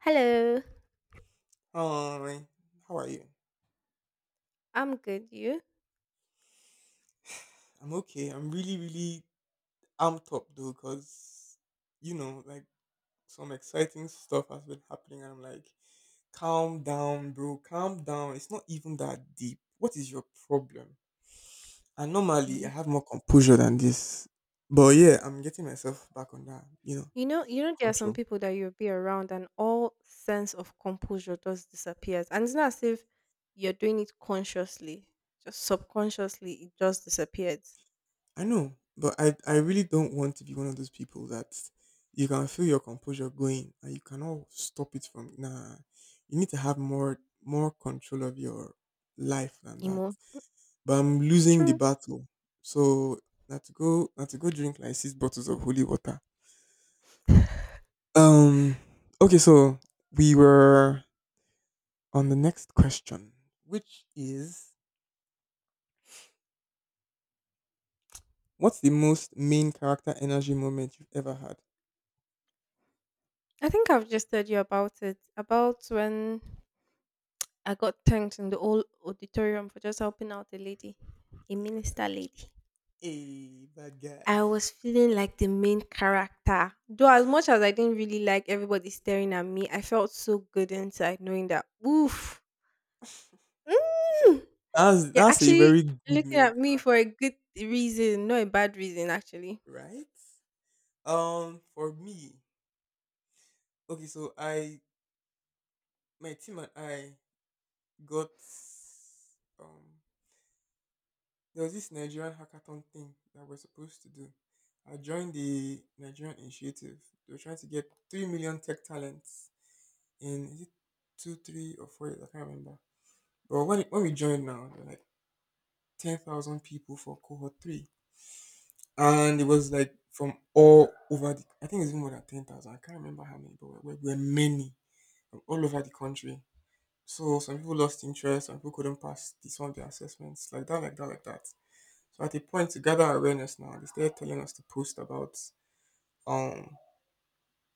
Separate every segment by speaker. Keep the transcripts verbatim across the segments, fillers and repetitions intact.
Speaker 1: Hello.
Speaker 2: Hi, how are you?
Speaker 1: I'm good. You?
Speaker 2: I'm okay. I'm really, really amped up though, cause you know, like some exciting stuff has been happening. And I'm like, calm down, bro. Calm down. It's not even that deep. What is your problem? And normally, I
Speaker 1: B.
Speaker 2: have more composure than this, but yeah, I'm getting myself back on that, you know,
Speaker 1: You know, you know, there are some
Speaker 2: control.
Speaker 1: people that you'll be around, and all sense of composure just disappears. And it's not as if you're doing it consciously; just subconsciously, it just disappeared.
Speaker 2: I know, but I I really don't want to be one of those people that you can feel your composure going and you cannot stop it from nah. You need to have more more control of your life than that.
Speaker 1: Emo.
Speaker 2: But I'm losing the
Speaker 1: True.
Speaker 2: battle. So not to go not to go drink like six bottles of holy water. Um okay, so we were on the next question, which is, what's the most main character energy moment you've ever had?
Speaker 1: I think I've just told you about it. About when I got thanked in the old auditorium for just helping out a lady, a
Speaker 2: Yeah.
Speaker 1: minister lady.
Speaker 2: Hey, bad guy.
Speaker 1: I was feeling like the main character. Though as much as I didn't really like everybody staring at me, I felt so good inside knowing that oof. Mm,
Speaker 2: That's
Speaker 1: they're
Speaker 2: that's a
Speaker 1: actually
Speaker 2: very good
Speaker 1: looking
Speaker 2: main
Speaker 1: at me
Speaker 2: character,
Speaker 1: for a good reason, not a bad reason actually.
Speaker 2: right? Um, for me, okay, so I my team and I got um there was this Nigerian hackathon thing that we're supposed to do. I joined the Nigerian initiative. They were trying to get three million tech talents in, is it two, three, or four years? I can't remember. But when when we joined now, there were like ten thousand people for cohort three. And it was like from all over the I think it's even more than ten thousand. I can't remember how many, but we were, many, from all over the country. So some people lost interest, some people couldn't pass the, some of the assessments, like that, like that, like that. So at a point, to gather awareness now, they started telling us to post about um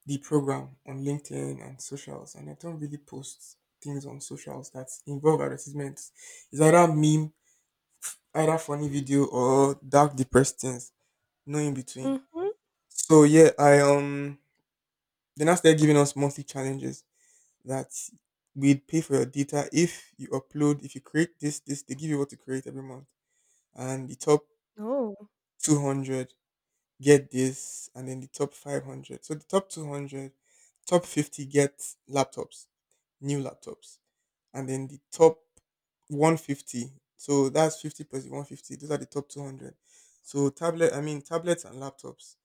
Speaker 2: the program on LinkedIn and socials, and I don't really post things on socials that involve advertisements. It's either meme, either funny video, or dark depressed things, no in between.
Speaker 1: Mm-hmm.
Speaker 2: So yeah, I um then now started giving us monthly challenges that we'd pay for your data if you upload, if you create this, this, they give you what to create every month. And the top
Speaker 1: Oh.
Speaker 2: two hundred get this, and then the top five hundred. So the top two hundred, top fifty get laptops, new laptops. And then the top one hundred fifty, so that's fifty plus the one hundred fifty. Those are the top two hundred. So tablet, I mean tablets and laptops.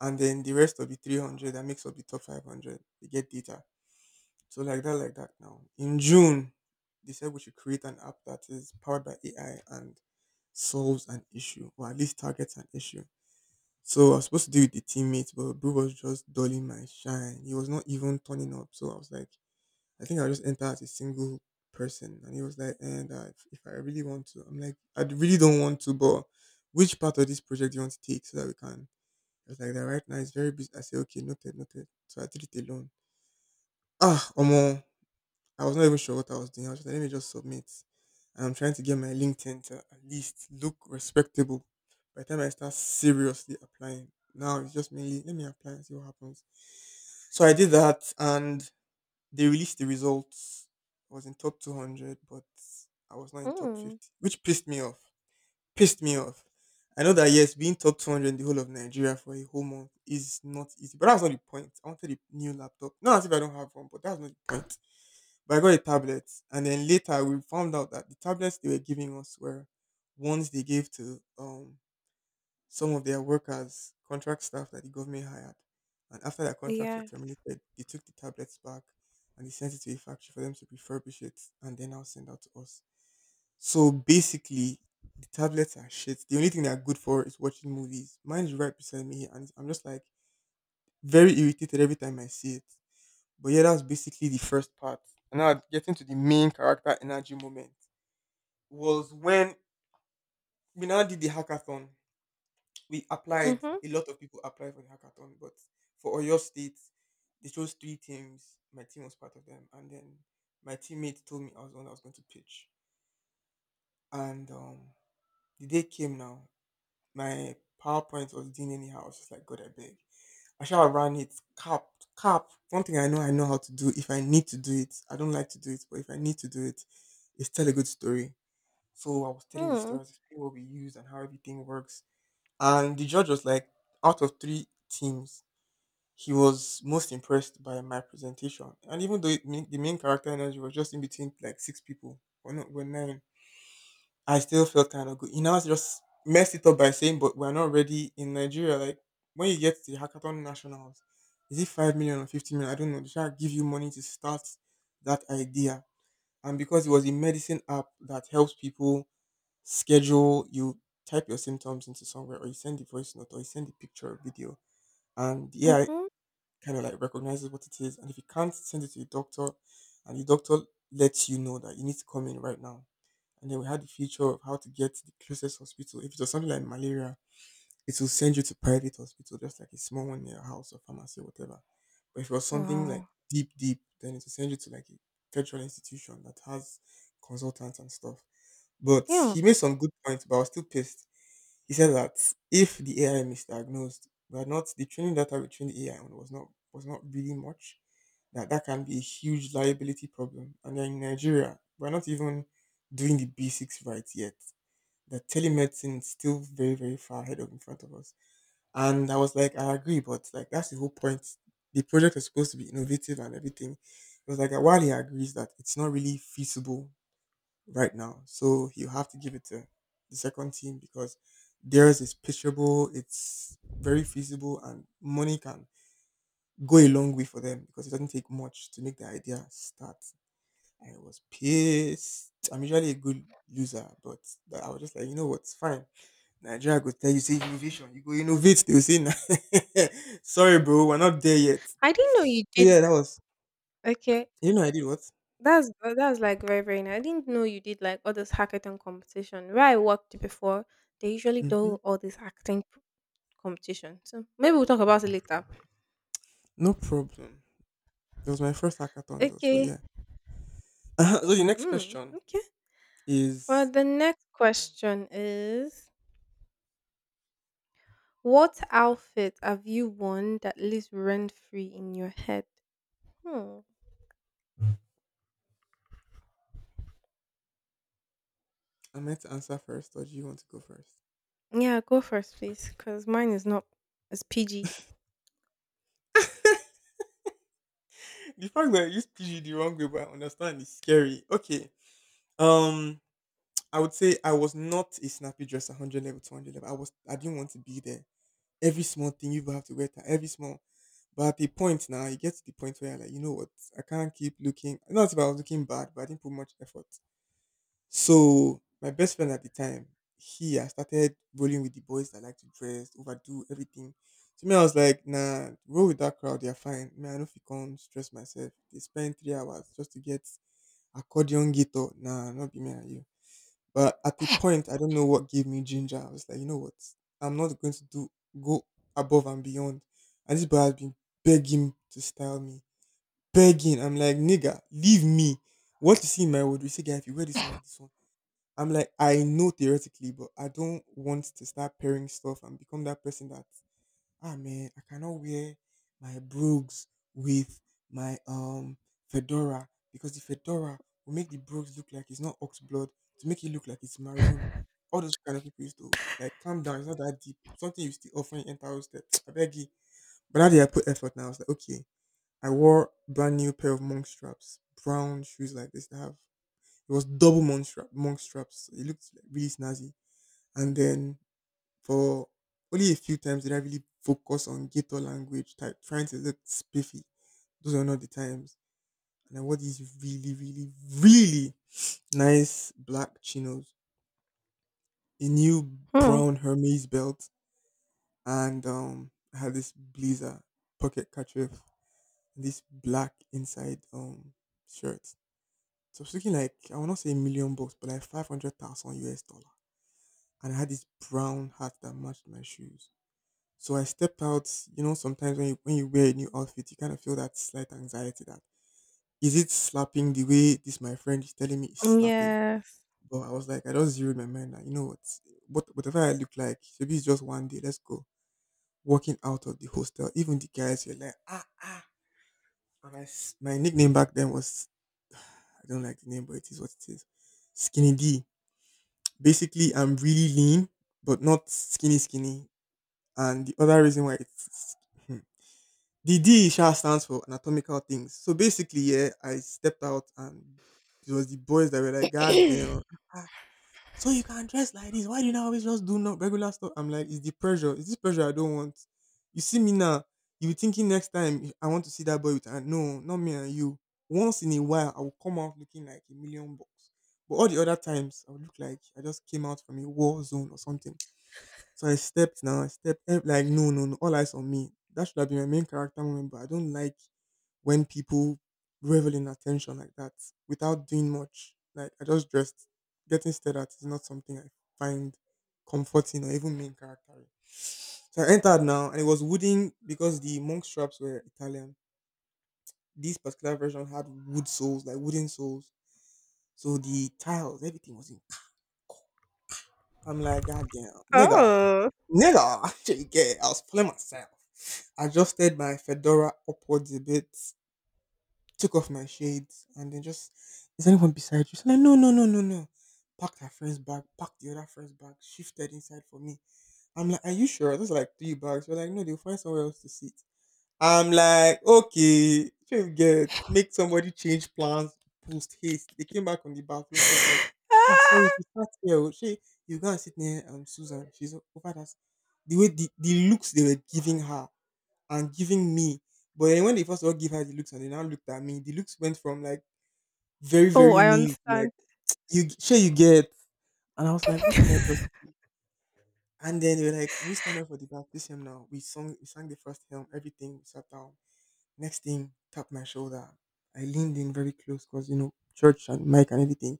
Speaker 2: And then the rest of the three hundred that makes up the top five hundred, they get data, so like that, like that now. In June, they said we should create an app that is powered by A I and solves an issue or at least targets an issue. So I was supposed to do it with the teammates, but Boo was just dulling my shine. He was not even turning up. So I was like, I think I'll just enter as a single person. And he was like, and uh, if, if I really want to, I'm like, I really don't want to, but which part of this project do you want to take so that we can? He was like, that right now it's very busy. I said, okay, noted, noted. So I did it alone. Ah, Omo, I was not even sure what I was doing. I was just like, let me just submit. And I'm trying to get my LinkedIn to at least look respectable. By the time I start seriously applying, now it's just mainly let me apply and see what happens. So I did that and they released the results. I was in top two hundred, but I was not in top
Speaker 1: Hmm.
Speaker 2: fifty, which pissed me off. Pissed me off. I know that, yes, being top two hundred in the whole of Nigeria for a whole month is not easy, but that's not the point. I wanted a new laptop. Not as if I don't have one, but that's not the point. But I got a tablet, and then later we found out that the tablets they were giving us were ones they gave to um, some of their workers, contract staff that the government hired. And after their contracts were
Speaker 1: Yeah.
Speaker 2: terminated, they took the tablets back and they sent it to a factory for them to refurbish it and then now send out to us. So basically, the tablets are shit. The only thing they're good for is watching movies. Mine is right beside me, and I'm just like very irritated every time I see it. But yeah, that's basically the first part. And now, getting to the main character energy moment, was when we now did the hackathon. We applied.
Speaker 1: Mm-hmm.
Speaker 2: A lot of people applied for the hackathon, but for Oyo State, they chose three teams. My team was part of them, and then my teammate told me I was the one that was going to pitch. And um, the day came now. My PowerPoint was doing anyhow. I was just like, God, I beg. I shall run it. Cap, cap. One thing I know I know how to do, if I need to do it, I don't like to do it, but if I need to do it, is tell a good story. So I was telling the story,
Speaker 1: Mm,
Speaker 2: I was explaining what we use and how everything works. And the judge was like, out of three teams, he was most impressed by my presentation. And even though it, mean- the main character energy was just in between like six people, or not, were nine, I still felt kind of good. He now just messed it up by saying, but we're not ready in Nigeria. Like, when you get to the Hackathon Nationals, is it five million or fifty million? I don't know. They try to give you money to start that idea. And because it was a medicine app that helps people schedule, you type your symptoms into somewhere, or you send the voice note, or you send the picture or video. And the A I
Speaker 1: mhm.
Speaker 2: kind of like recognizes what it is. And if you can't send it to the doctor, and the doctor lets you know that you need to come in right now, and then we had the feature of how to get the closest hospital. If it was something like malaria, it will send you to private hospital, just like a small one near your house or pharmacy or whatever. But if it was something like
Speaker 1: Wow.
Speaker 2: deep, deep, then it will send you to like a federal institution that has consultants and stuff. But
Speaker 1: Yeah.
Speaker 2: he made some good points, but I was still pissed. He said that if the A I misdiagnosed, we are not, the training data we trained the A I on was not was not really much. That that can be a huge liability problem. And then in Nigeria, we're not even doing the basics right yet, that telemedicine is still very, very far ahead of, in front of us. And I was like, I agree, but like that's the whole point. The project is supposed to be innovative and everything. It was like, while he agrees that it's not really feasible right now, so you have to give it to the second team because theirs is pitchable, it's very feasible, and money can go a long way for them because it doesn't take much to make the idea start. I was pissed. I'm usually a good loser, but I was just like, you know what? Fine. Nigeria go tell you say innovation, you go innovate. They will say, "Nah, sorry, bro, we're not there yet."
Speaker 1: I didn't know you
Speaker 2: So
Speaker 1: did.
Speaker 2: yeah, that was.
Speaker 1: Okay,
Speaker 2: You know, I did what?
Speaker 1: that's uh, that's like very very nice. I didn't know you did like all this hackathon competition. Where I worked before, they usually
Speaker 2: Hmm.
Speaker 1: do all this acting p- competition. So maybe we'll talk about it later.
Speaker 2: No problem. It was my first hackathon though. So
Speaker 1: Okay.
Speaker 2: yeah. So the next
Speaker 1: Mm,
Speaker 2: question
Speaker 1: okay. For
Speaker 2: is,
Speaker 1: the next question is, what outfit have you worn that lives rent free in your head? Hmm.
Speaker 2: am I meant to answer first, or do you want to go first?
Speaker 1: Yeah, go first, please, because mine is not. It's P G.
Speaker 2: The fact that I used P G the wrong way, but I understand, is scary. Okay. Um, I would say I was not a snappy dresser. One hundred level, two hundred level, I was. I didn't want to be there. Every small thing, you have to get at, every small, but at the point now you get to the point where you're like, you know what, I can't keep looking, not if I was looking bad, but I didn't put much effort. So my best friend at the time, he, I started rolling with the boys that like to dress, overdo everything. To me, I was like, nah, roll with that crowd, they're fine, man. I know if you can't stress myself. They spend three hours just to get accordion guitar. Nah, not be me and you. But at a point, I don't know what gave me ginger. I was like, you know what? I'm not going to do go above and beyond. And this boy has been begging to style me, begging. I'm like, nigga, leave me. What you see in my wardrobe? You say, guy, if you wear this one with this one, I'm like, I know theoretically, but I don't want to start pairing stuff and become that person that ah man, I cannot wear my brogues with my um fedora because the fedora will make the brogues look like it's not ox blood, to make it look like it's maroon. All those kind of people used to like calm down, it's not that deep. Something you still often enter hostel. I beg you. But now that day I put effort now. I was like, okay. I wore brand new pair of monk straps, brown shoes like this that have it was double monk strap monk straps. It looked like really snazzy. And then for only a few times did I really focus on ghetto language, type, trying to look spiffy. Those are not the times. And I wore these really, really, really nice black chinos, a new
Speaker 1: Hmm.
Speaker 2: brown Hermes belt, and um, I had this blazer, pocket kerchief, and this black inside um shirt. So I was looking like I will not say a million bucks, but like five hundred thousand U S dollar. And I had this brown hat that matched my shoes. So I step out, you know, sometimes when you, when you wear a new outfit, you kind of feel that slight anxiety that is it slapping the way this my friend is telling me is slapping.
Speaker 1: Yes.
Speaker 2: But I was like, I just zeroed my mind that you know what, what whatever I look like, maybe it's just one day. Let's go. Walking out of the hostel, even the guys were like, ah ah. And I s my nickname back then was, I don't like the name, but it is what it is. Skinny D. Basically, I'm really lean, but not skinny skinny. And the other reason why it's the D sha stands for anatomical things. So basically, yeah, I stepped out and it was the boys that were like, God damn. Ah, so you can dress like this. Why do you not always just do not regular stuff? I'm like, it's the pressure. It's this pressure I don't want. You see me now. You be thinking next time if I want to see that boy with and no, not me and you. Once in a while I will come out looking like a million bucks. But all the other times I would look like I just came out from a war zone or something. So I stepped now, I stepped ev- like no, no, no, all eyes on me. That should have been my main character moment, but I don't like when people revel in attention like that without doing much. Like I just dressed. Getting stared at is not something I find comforting or even main character in. So I entered now and it was wooden because the monk straps were Italian. This particular version had wood soles, like wooden soles. So the tiles, everything was in. I'm like, God damn, nigga.
Speaker 1: Oh.
Speaker 2: Nigga, shit, yeah, I was playing myself. Adjusted my fedora upwards a bit, took off my shades, and then just, is anyone beside you? She's like, no, no, no, no, no. Packed her friend's bag, packed the other friend's bag, shifted inside for me. I'm like, are you sure? There's like three bags. We're like, no, they'll find somewhere else to sit. I'm like, okay, so you get make somebody change plans, post haste. They came back from the bathroom. She was like, ah, sorry,
Speaker 1: Ah.
Speaker 2: she sat here. Oh. She, you go and sit near um Susan. She's o- over that. The way the, the looks they were giving her and giving me, but then when they first all give her the looks and they now looked at me, the looks went from like very
Speaker 1: Oh,
Speaker 2: very
Speaker 1: I
Speaker 2: mean to like
Speaker 1: understand.
Speaker 2: you sure you get, and I was like, what did I just do? And then they were like, we stand up for the baptism now. We sung, we sang the first hymn, everything, we sat down. Next thing, tapped my shoulder. I leaned in very close because, you know, church and mic and everything.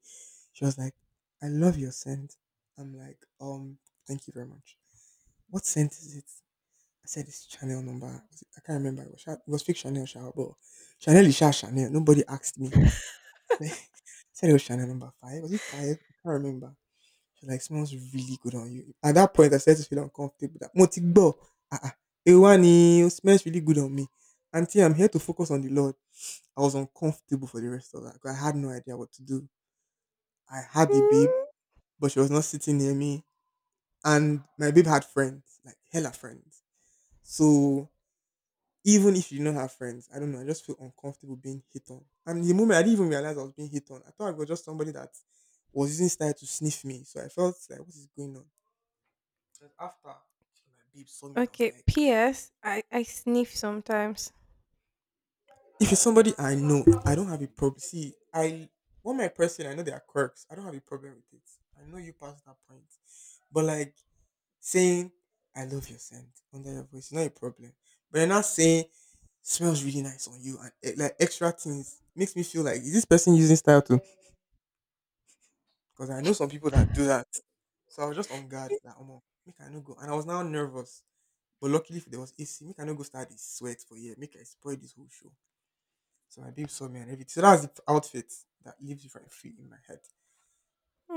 Speaker 2: She was like, I love your scent. I'm like, um, thank you very much. What scent is it? I said, it's Chanel number. Was it- I can't remember. It was, Sha- it was fake Chanel, Sha, but Chanel is Sha Chanel. Nobody asked me. I said it was Chanel number five. Was it five? I can't remember. She was like, smells really good on you. At that point, I started to feel uncomfortable. That Motigbo, ah, ah, Ewani, it smells really good on me. Auntie, I'm here to focus on the Lord. I was uncomfortable for the rest of that 'cause I had no idea what to do. I had a babe,
Speaker 1: Mm.
Speaker 2: but she was not sitting near me, and my babe had friends, like hella friends. So even if she did not have friends, I don't know, I just feel uncomfortable being hit on. And the moment I didn't even realize I was being hit on, I thought it was just somebody that was using style to sniff me. So I felt like, what is going on? And after my babe saw me, I was
Speaker 1: Okay.
Speaker 2: like,
Speaker 1: P S. I, I sniff sometimes.
Speaker 2: if it's somebody I know, I don't have a problem. See, I want my person. I know they are quirks. I don't have a problem with it. I know you past that point, but like saying "I love your scent" under your voice is not a problem. But you're not saying "smells really nice on you" and eh, like extra things makes me feel like is this person using style too? Because I know some people that do that. So I was just on guard that oh make I no go, and I was now nervous. But luckily, if there was A C, make I no go start this sweat for yeah, make I spoil this whole show. So my babe saw me and everything. So that's the outfit that lives rent free in my head.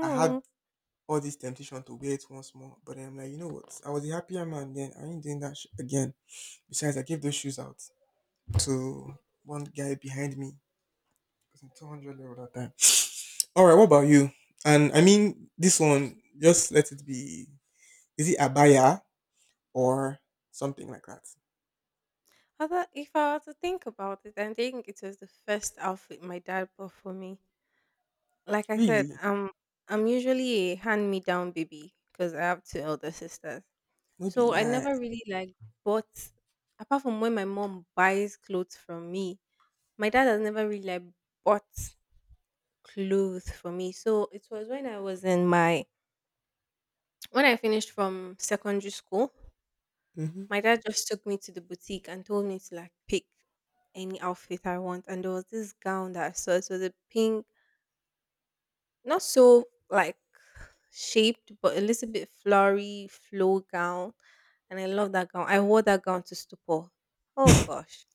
Speaker 2: I had all this temptation to wear it once more, but then I'm like, you know what? I was a happier man then. I ain't doing that sh- again. Besides, I gave those shoes out to one guy behind me. It was in two hundred level that time. All right, what about you? And I mean, this one, just let it be. Is it abaya or something like that?
Speaker 1: Although, if I were to think about it, I think it was the first outfit my dad bought for me. Like I said,
Speaker 2: Really?
Speaker 1: I'm I'm usually a hand-me-down baby because I have two elder sisters.
Speaker 2: No be
Speaker 1: So I
Speaker 2: lie.
Speaker 1: never really like bought apart from when my mom buys clothes from me, my dad has never really like bought clothes for me. So it was when I was in my when I finished from secondary school,
Speaker 2: Mm-hmm.
Speaker 1: my dad just took me to the boutique and told me to like pick any outfit I want. And there was this gown that I saw. It was a pink, not so like shaped, but a little bit flowery flow gown. And I love that gown. I wore that gown to stupor. Oh gosh,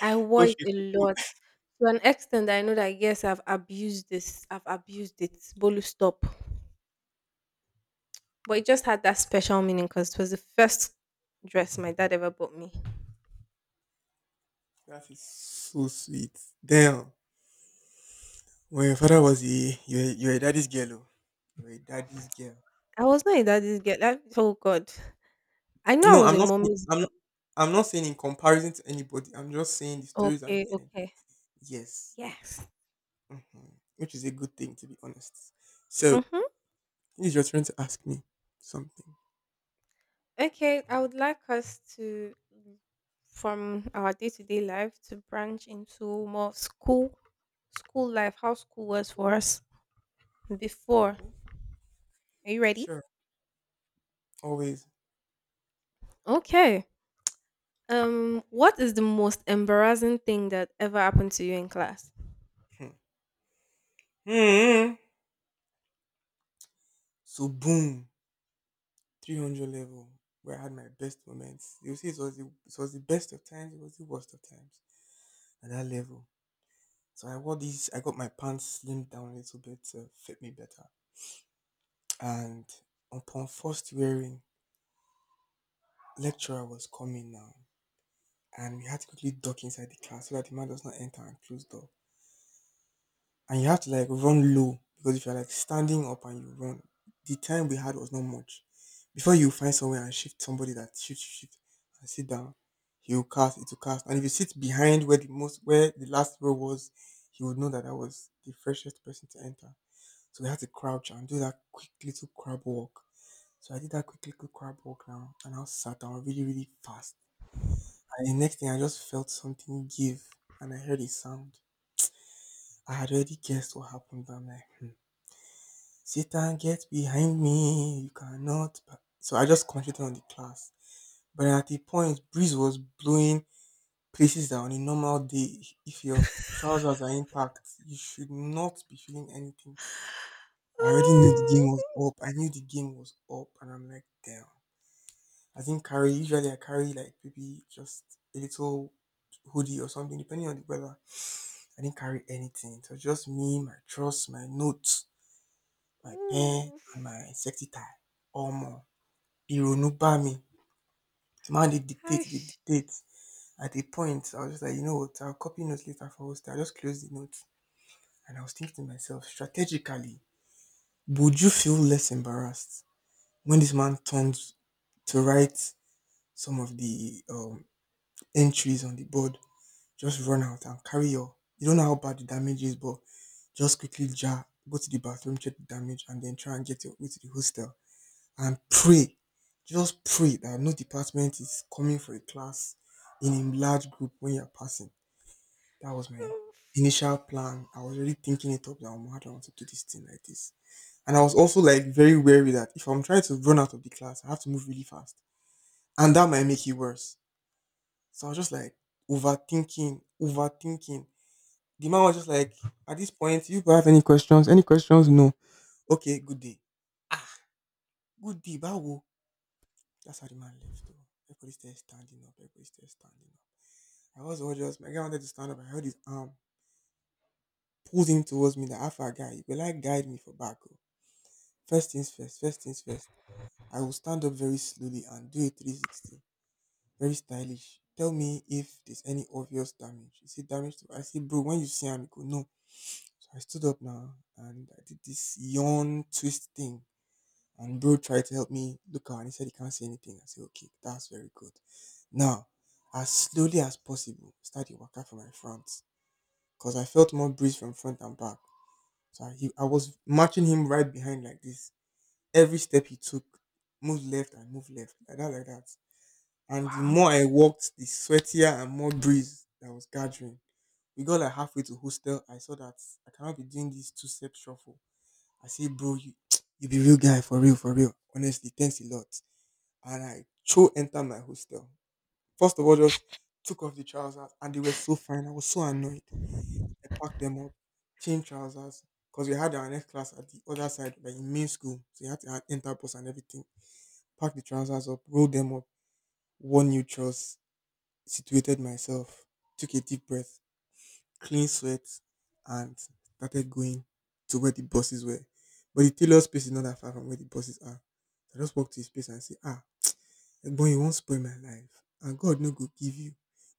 Speaker 1: I
Speaker 2: Oh,
Speaker 1: wore it
Speaker 2: shit.
Speaker 1: a lot. To an extent I know that yes, I've abused this, I've abused it. Bolu stop. But it just had that special meaning because it was the first dress my dad ever bought me.
Speaker 2: That is so sweet. Damn. When your father was a you're a, you're a daddy's girl. Oh. You're a daddy's girl.
Speaker 1: I was not a daddy's girl. I- oh God. I know I
Speaker 2: No,
Speaker 1: was
Speaker 2: I'm
Speaker 1: a
Speaker 2: not saying-
Speaker 1: mommy's girl.
Speaker 2: I'm I'm not saying in comparison to anybody. I'm just saying the stories I'm
Speaker 1: Okay,
Speaker 2: hearing.
Speaker 1: okay.
Speaker 2: Yes,
Speaker 1: Yes.
Speaker 2: hmm, which is a good thing to be honest. So
Speaker 1: Mm-hmm.
Speaker 2: it's your turn to ask me something.
Speaker 1: Okay, I would like us to, from our day to day life, to branch into more school, school life, how school was for us before.
Speaker 2: Okay.
Speaker 1: Are you ready?
Speaker 2: Sure. Always.
Speaker 1: Okay. Um, what is the most embarrassing thing that ever happened to you in class?
Speaker 2: Hmm. Hmm. So boom, three hundred level where I had my best moments. You see, it was the, it was the best of times. It was the worst of times at that level. So I wore these, I got my pants slimmed down a little bit to fit me better. And upon first wearing, lecturer was coming now. And we had to quickly duck inside the class so that the man does not enter and close door. And you have to like run low because if you're like standing up and you run, the time we had was not much. Before you find somewhere and shift somebody that shift, shift, and sit down, he will cast, it will cast. And if you sit behind where the most, where the last row was, he would know that I was the freshest person to enter. So we had to crouch and do that quick little crab walk. So I did that quick little crab walk now and I sat down really, really fast. And the next thing I just felt something give and I heard a sound. I had already guessed what happened, but I'm like, hmm. Satan, get behind me. You cannot. Pa-" So I just concentrated on the class. But at the point, breeze was blowing places that on a normal day, if your trousers are intact, you should not be feeling anything. I already knew the game
Speaker 1: Oh,
Speaker 2: was up. I knew the game was up, and I'm like, damn. I didn't carry. Usually, I carry like maybe just a little hoodie or something, depending on the weather. I didn't carry anything. So just me, my trust, my notes, my pen, and
Speaker 1: oof,
Speaker 2: my safety tie. Omo, Ironu ba me. The man they dictate, they
Speaker 1: Aish,
Speaker 2: dictate. At a point, I was just like, you know what? I'll copy notes later for host. I just closed the notes, and I was thinking to myself, strategically, would you feel less embarrassed when this man turned to write some of the um, entries on the board, just run out and carry your. You don't know how bad the damage is, but just quickly jar, go to the bathroom, check the damage, and then try and get your way to the hostel and pray. Just pray that no department is coming for a class in a large group when you're passing. That was my
Speaker 1: oof.
Speaker 2: initial plan. I was already thinking it up that I'm I want to do this thing like this. And I was also like very wary that if I'm trying to run out of the class, I have to move really fast and that might make it worse. So I was just like overthinking, overthinking. The man was just like, at this point, you people have any questions? Any questions? No. Okay, good day. Ah, Good day, bawo. That's how the man left. Though. Everybody started standing up. Everybody started standing up. I was all just, my guy wanted to stand up. I held his arm, pulled him towards me. The alpha guy, you will like guide me for back. Oh. First things first, first things first. I will stand up very slowly and do a three sixty, very stylish. Tell me if there's any obvious damage. Is it damage to I said, bro, when you see him, you go, no. So I stood up now and I did this yawn twist thing. And bro tried to help me look out and he said he can't see anything. I said, okay, that's very good. Now, as slowly as possible, started walking from my front. Because I felt more breeze from front and back. So I, he, I was matching him right behind like this. Every step he took, move left and move left. Like that, like that. And the
Speaker 1: Wow.
Speaker 2: more I walked, the sweatier and more breeze that was gathering. We got like halfway to hostel. I saw that I cannot be doing this two step shuffle. I say, bro, you you be real guy for real, for real. Honestly, thanks a lot. And I throw enter my hostel. First of all, just took off the trousers and they were so fine. I was so annoyed. I packed them up, changed trousers, because we had our next class at the other side, like in main school. So you had to ha- enter bus and everything. Packed the trousers up, rolled them up, wore new trousers, situated myself, took a deep breath, clean sweat, and started going to where the buses were. But the tailor space is not that far from where the buses are. I just walked to his place and say, ah, Egbon, you won't spoil my life. And God no go give you.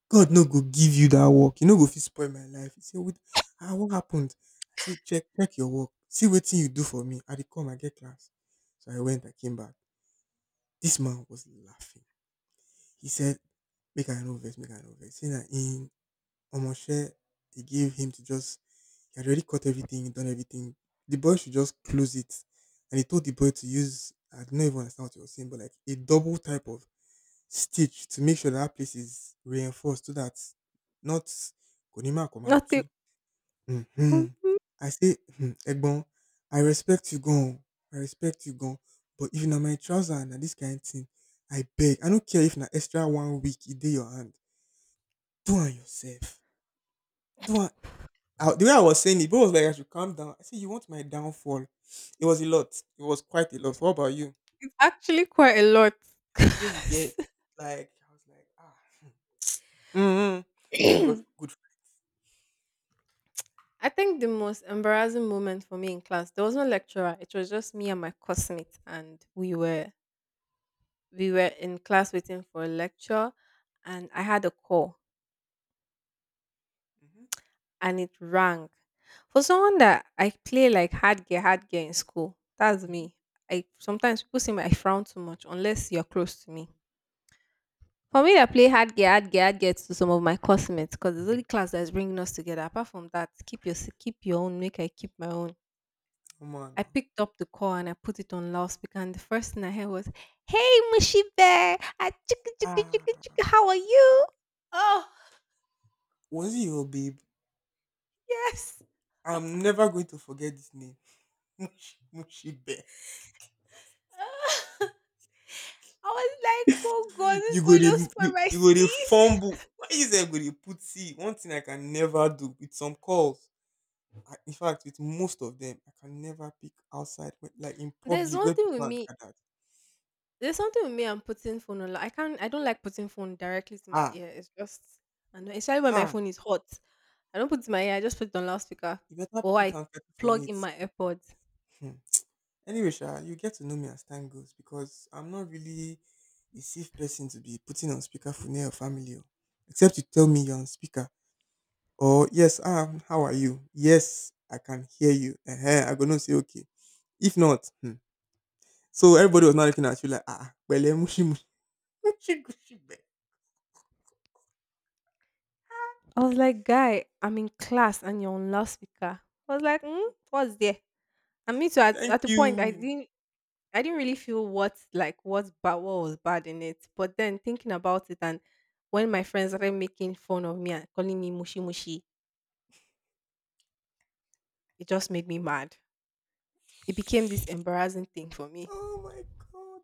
Speaker 2: God no go give you that work. You no go fit spoil my life. He said, what ah, what happened? I said, check, check your work. See what thing you do for me. I dey come, I get class. So I went, I came back. This man was laughing. He said, make I no vex, make I no vex. Say that in Omoche, he gave him to just he had already caught everything, done everything. The boy should just close it. And he told the boy to use I don't even understand what he was saying, but like a double type of stitch to make sure that, that place is reinforced so that not Konima
Speaker 1: Nothing.
Speaker 2: Komatsu. Hmm.
Speaker 1: mhm.
Speaker 2: I say, hmm, Egbon, I respect you gone. I respect you gone. But if na my trouser and na this kind of thing, I beg. I don't care if na extra one week it dey your hand. Do am yourself. Do am I, the way I was saying it, people was like, I should calm down. I said, you want my downfall? It was a lot. It was quite a lot. What about you?
Speaker 1: It's actually quite a lot.
Speaker 2: Sure, you get
Speaker 1: 'Cause
Speaker 2: like I was like, ah, mm-hmm. Thank God, for good friend.
Speaker 1: I think the most embarrassing moment for me in class, there was no lecturer. It was just me and my classmate, and we were we were in class waiting for a lecture, and I had a call
Speaker 2: Mm-hmm.
Speaker 1: and it rang. For someone that I play like hard gear, hard gear in school, that's
Speaker 2: Mm-hmm.
Speaker 1: me. I sometimes people say I frown too much unless you're close to me. For me, I play hard gear, hard gear, hard gear to some of my classmates because it's the only class that's bringing us together. Apart from that, keep your keep your own. Make I keep my own.
Speaker 2: Come on
Speaker 1: I
Speaker 2: now,
Speaker 1: picked up the call and I put it on loudspeaker, and the first thing I heard was,
Speaker 2: ah, was it your babe? I'm never going to forget this name, Mushi Mushi Bear. you go to you, you go to fumble. Why is there go to put see? One thing I can never do with some calls. I, in fact, with most of them, I can never pick outside, when, like in
Speaker 1: "There's
Speaker 2: public
Speaker 1: one
Speaker 2: where
Speaker 1: thing with
Speaker 2: people are
Speaker 1: me.
Speaker 2: gathered.
Speaker 1: There's something with me and putting phone on. Like, I can't. I don't like putting phone directly to my
Speaker 2: Ah,
Speaker 1: ear. It's just, I know, especially when my
Speaker 2: ah,
Speaker 1: phone is hot. I don't put it in my ear. I just put it on loudspeaker,
Speaker 2: you better
Speaker 1: or
Speaker 2: put
Speaker 1: I
Speaker 2: handkerchief on
Speaker 1: plug
Speaker 2: it.
Speaker 1: in my AirPods.
Speaker 2: Hmm. Anyway, Sha, you get to know me as time goes because I'm not really a safe person to be putting on speaker for near your family, oh, except you tell me you're on speaker. Or yes, um, how are you? Yes, I can hear you. uh I gonna say okay. If not, hmm. So everybody was not looking at you like ah, well, eh, mushi, mushi, mushi, gushi, be.
Speaker 1: I was like, guy, I'm in class and you're on loudspeaker. I was like, mm, what's there? And me too. At
Speaker 2: Thank
Speaker 1: at the point, I
Speaker 2: you.
Speaker 1: didn't. I didn't really feel what like what's bad, what was bad in it. But then thinking about it, and when my friends started making fun of me and calling me mushy mushy, it just made me mad. It became this embarrassing thing for me.
Speaker 2: Oh my god.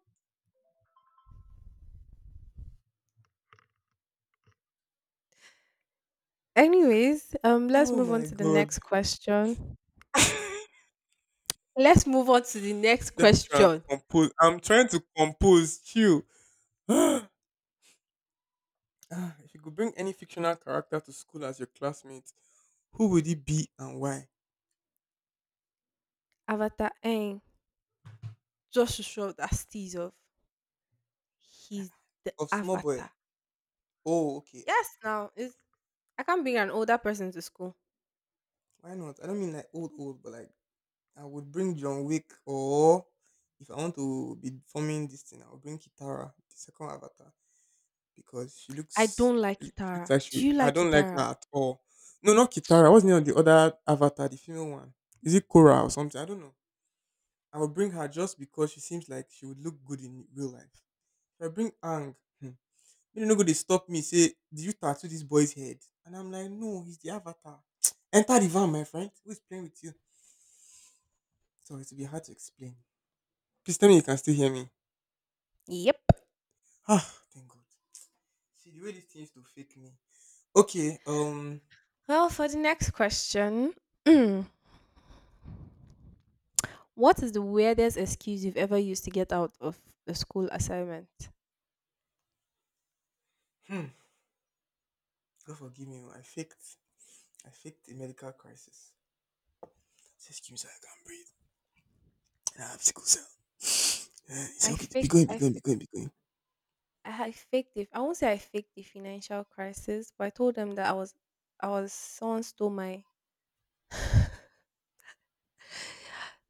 Speaker 1: Anyways, um, let's
Speaker 2: Oh
Speaker 1: move on
Speaker 2: my
Speaker 1: to the
Speaker 2: god.
Speaker 1: next question. Let's move on to the next
Speaker 2: Let me try and
Speaker 1: question.
Speaker 2: compose. I'm trying to compose. Chill. Ah, if you could bring any fictional character to school as your classmate, who would it be and why?
Speaker 1: Avatar Aang. Just to show that steez off. He's the
Speaker 2: Of small boy.
Speaker 1: avatar.
Speaker 2: Oh, okay.
Speaker 1: Yes, now it's, I can't bring an older person to school.
Speaker 2: Why not? I don't mean like old old, but like I would bring John Wick or if I want to be forming this thing, I would bring Kitara, the second avatar. Because she
Speaker 1: I
Speaker 2: looks
Speaker 1: don't like
Speaker 2: she looks
Speaker 1: Itara.
Speaker 2: like she
Speaker 1: Do you
Speaker 2: I
Speaker 1: like
Speaker 2: don't like her
Speaker 1: Itara?
Speaker 2: at all. No, not Kitara. What's the name of the other avatar, the female one? Is it Korra or something? I don't know. I will bring her just because she seems like she would look good in real life. If I bring Ang, hmm, you know, go they stop me say, "Did you tattoo this boy's head?" And I'm like, "No, he's the avatar." Enter the van, my friend. Who is playing with you? Sorry, it'll be hard to explain. Please tell me you can still hear me.
Speaker 1: Yep.
Speaker 2: Ah, thank God. See the way this thing used to fake me. Okay, um,
Speaker 1: Well, for the next question, what is the weirdest excuse you've ever used to get out of the school assignment?
Speaker 2: hmm, God forgive me. oh, I faked I faked a medical crisis. Say, excuse me, sir, I can't breathe. And I have sickle cell. Uh, he said,
Speaker 1: I
Speaker 2: okay, be
Speaker 1: faked.
Speaker 2: going, be
Speaker 1: I
Speaker 2: going, be
Speaker 1: faked.
Speaker 2: going, be going.
Speaker 1: I I faked it. I won't say I faked the financial crisis, but I told them that I was, I was someone stole my,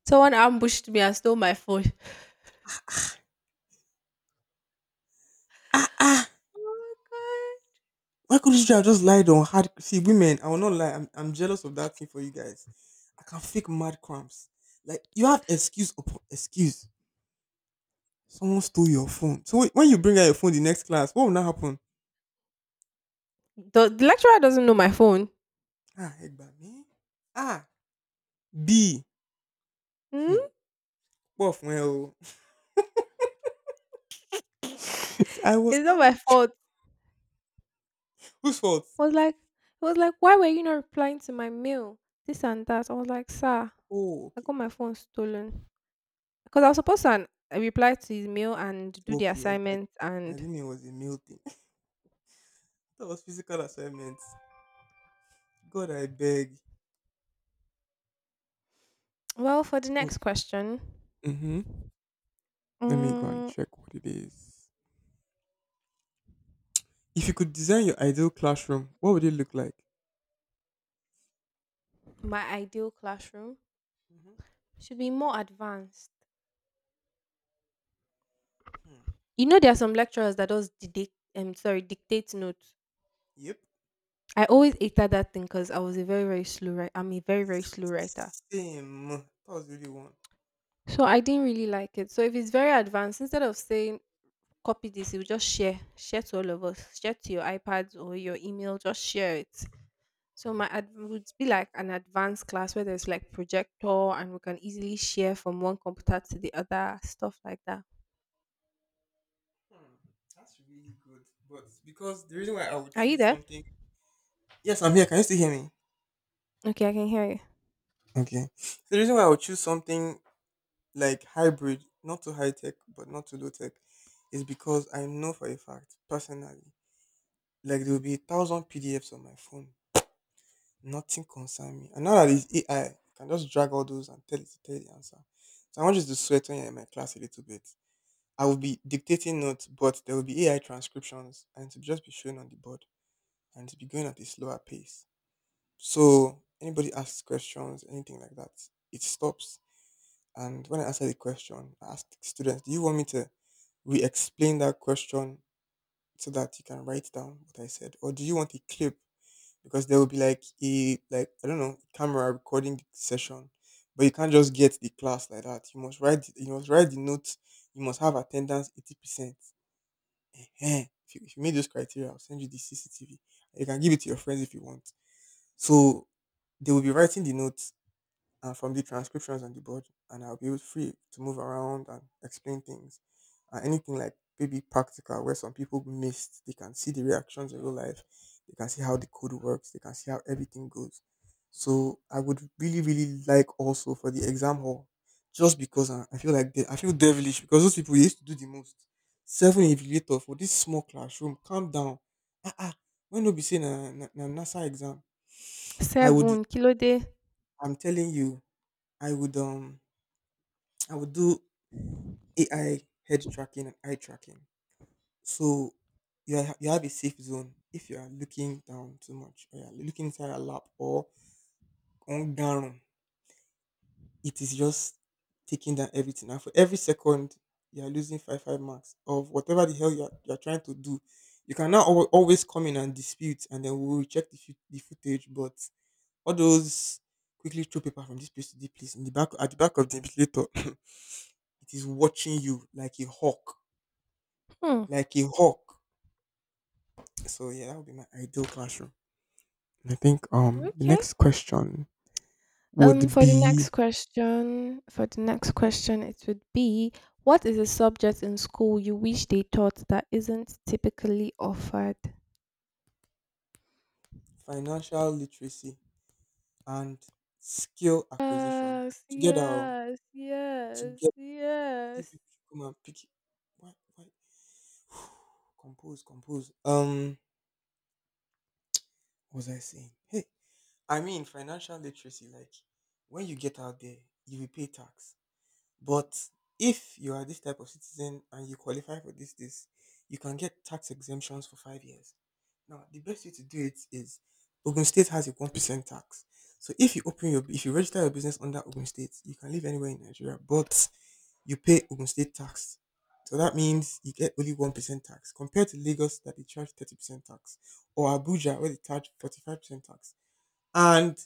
Speaker 1: someone ambushed me and stole my phone.
Speaker 2: Ah, ah.
Speaker 1: Oh my
Speaker 2: Why couldn't you have just lied on hard? See, women, I will not lie. I'm, I'm jealous of that thing for you guys. I can fake mad cramps. Like, you have excuse upon excuse. Someone stole your phone. So, wh- when you bring out your phone the next class, what will now happen?
Speaker 1: god! The, the lecturer doesn't know my phone.
Speaker 2: Ah, egg me. Ah, B. Hmm.
Speaker 1: Hmm?
Speaker 2: Both well. I was
Speaker 1: It's not my
Speaker 2: ambushed.
Speaker 1: fault.
Speaker 2: Whose fault?
Speaker 1: I was like, I was like, why were you not replying to my mail? This and that. I was like, sir,
Speaker 2: Oh,
Speaker 1: I
Speaker 2: okay.
Speaker 1: got my phone stolen because I was supposed to an- reply to his mail and do the
Speaker 2: Okay. I,
Speaker 1: assignment.
Speaker 2: I, I
Speaker 1: And
Speaker 2: didn't know it was a male thing. That was physical assignments. God, I beg.
Speaker 1: well, for the
Speaker 2: So,
Speaker 1: next question,
Speaker 2: mm-hmm. Let me go and
Speaker 1: mm,
Speaker 2: check what it is. If you could design your ideal classroom, what would it look like?
Speaker 1: my ideal classroom.
Speaker 2: Hmm.
Speaker 1: Should be more advanced.
Speaker 2: Hmm.
Speaker 1: You know, there are some lecturers that does dictate. Um, sorry, dictate notes.
Speaker 2: Yep.
Speaker 1: I always hated that thing because I was a very very slow writer. I'm a very very slow writer,
Speaker 2: Same. That was really one.
Speaker 1: so I didn't really like it. So if it's very advanced, instead of saying copy this, you just share share to all of us, share to your iPads or your email, just share it. So my ad- would be like an advanced class where there's like projector and we can easily share from one computer to the other, stuff like that.
Speaker 2: Hmm. That's really good. But because the reason why I would
Speaker 1: Are you
Speaker 2: choose
Speaker 1: there?
Speaker 2: something. Yes, I'm here. Can you still hear me?
Speaker 1: Okay, I can hear you.
Speaker 2: Okay. So, the reason why I would choose something like hybrid, not too high tech, but not too low tech, is because I know for a fact, personally, like there will be a thousand P D Fs on my phone. Nothing concern me. And now that it's A I, can just drag all those and tell it to tell you the answer. So I want you to sweat when you're in my class a little bit. I will be dictating notes, but there will be A I transcriptions and to just be shown on the board and to be going at a slower pace. So anybody asks questions, anything like that, it stops And when I answered the question, I asked the students, do you want me to re explain that question so that you can write down what I said? Or do you want a clip? Because there will be like a like I don't know, camera recording the session. But you can't just get the class like that. You must write you must write the notes, you must have attendance eighty percent. Eh-heh. If you, if you meet those criteria, I'll send you the C C T V. You can give it to your friends if you want. So they will be writing the notes uh, from the transcriptions on the board, and I'll be able- free to move around and explain things. Uh, anything like maybe practical, where some people missed, they can see the reactions in real life, they can see how the code works, they can see how everything goes. So I would really, really like also for the exam hall, just because I, I feel like they, I feel devilish because those people used to do the most. Seven evaluator for this small classroom. Calm down. Ah ah. When we be saying na na na na NASA exam, I would.
Speaker 1: Seven kilo day.
Speaker 2: I'm telling you, I would um I would do A I head tracking and eye tracking. So you ha- you have a safe zone if you are looking down too much or you're looking inside a lap or on down. It is just taking down everything. And for every second, you are losing five five marks of whatever the hell you are, you are trying to do. You can now al- always come in and dispute, and then we will check the, fut- the footage. But all those quickly throw paper from this place to this place in the back at the back of the ventilator, it is watching you like a hawk
Speaker 1: Hmm.
Speaker 2: like a hawk. So yeah, that would be my ideal classroom. I think um the
Speaker 1: Okay.
Speaker 2: next question
Speaker 1: Um,
Speaker 2: would
Speaker 1: for the
Speaker 2: be
Speaker 1: next question, for the next
Speaker 2: Mhm.
Speaker 1: question, it would be, what is a subject in school you wish they taught that isn't typically offered?
Speaker 2: Financial literacy and skill acquisition
Speaker 1: Yes,
Speaker 2: together. oh,
Speaker 1: yes, yes,
Speaker 2: Together, you
Speaker 1: yes.
Speaker 2: people should come and pick. Why? Why? Compose, compose. Um, what was I saying? Hey, I mean financial literacy. Like when you get out there, you will pay tax. But if you are this type of citizen and you qualify for this, this, you can get tax exemptions for five years. Now, the best way to do it is Ogun State has a one percent tax. So if you open your if you register your business under Ogun State, you can live anywhere in Nigeria, but you pay Ogun State tax. So that means you get only one percent tax compared to Lagos that they charge thirty percent tax, or Abuja where they charge forty five percent tax. And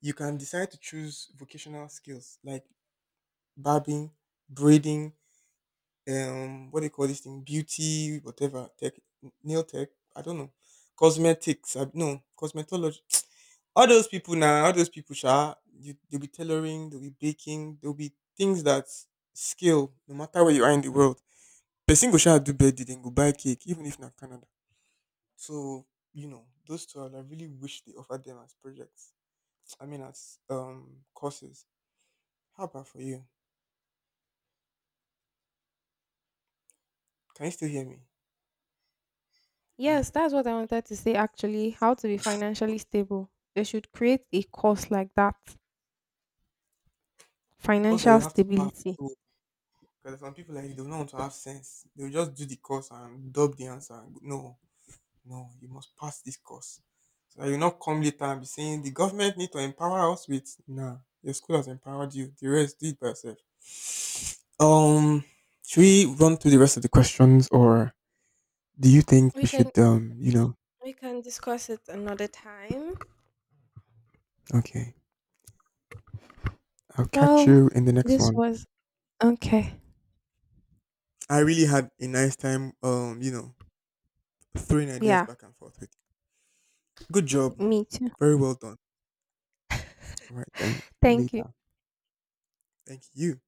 Speaker 2: you can decide to choose vocational skills like barbing, braiding, um, what do you call this thing? Beauty, whatever, tech, nail tech, I don't know, cosmetics, I, no, cosmetology. All those people now, all those people, sha, you, they'll be tailoring, they'll be baking, there'll be things that scale no matter where you are in the world. Person go sha do birthday, then go buy cake, even if not Canada. So you know, those two, I really wish they offered them as projects. I mean, as um courses. How about for you? Can you still hear me? Ah.
Speaker 1: Yes, that's what I wanted to say actually. How to be financially stable. They should create a course like that.
Speaker 2: The course that you
Speaker 1: Financial
Speaker 2: have to pass
Speaker 1: stability.
Speaker 2: through. Because some people like they don't want to have sense. They'll just do the course and dub the answer. And go, no, no, you must pass this course. So that you not come later and be saying the government need to empower us with nah. Your school has empowered you. The rest do it by yourself. Um should we run through the rest of the questions or do you think
Speaker 1: We
Speaker 2: we
Speaker 1: can
Speaker 2: should um you know
Speaker 1: we can discuss it another time.
Speaker 2: okay. I'll catch
Speaker 1: Well,
Speaker 2: you in the next
Speaker 1: this
Speaker 2: one.
Speaker 1: was okay.
Speaker 2: I really had a nice time um, you know, throwing ideas
Speaker 1: Yeah,
Speaker 2: back and forth with you. Good job.
Speaker 1: me too.
Speaker 2: Very well done. All right, then
Speaker 1: Thank you.
Speaker 2: later. Thank you.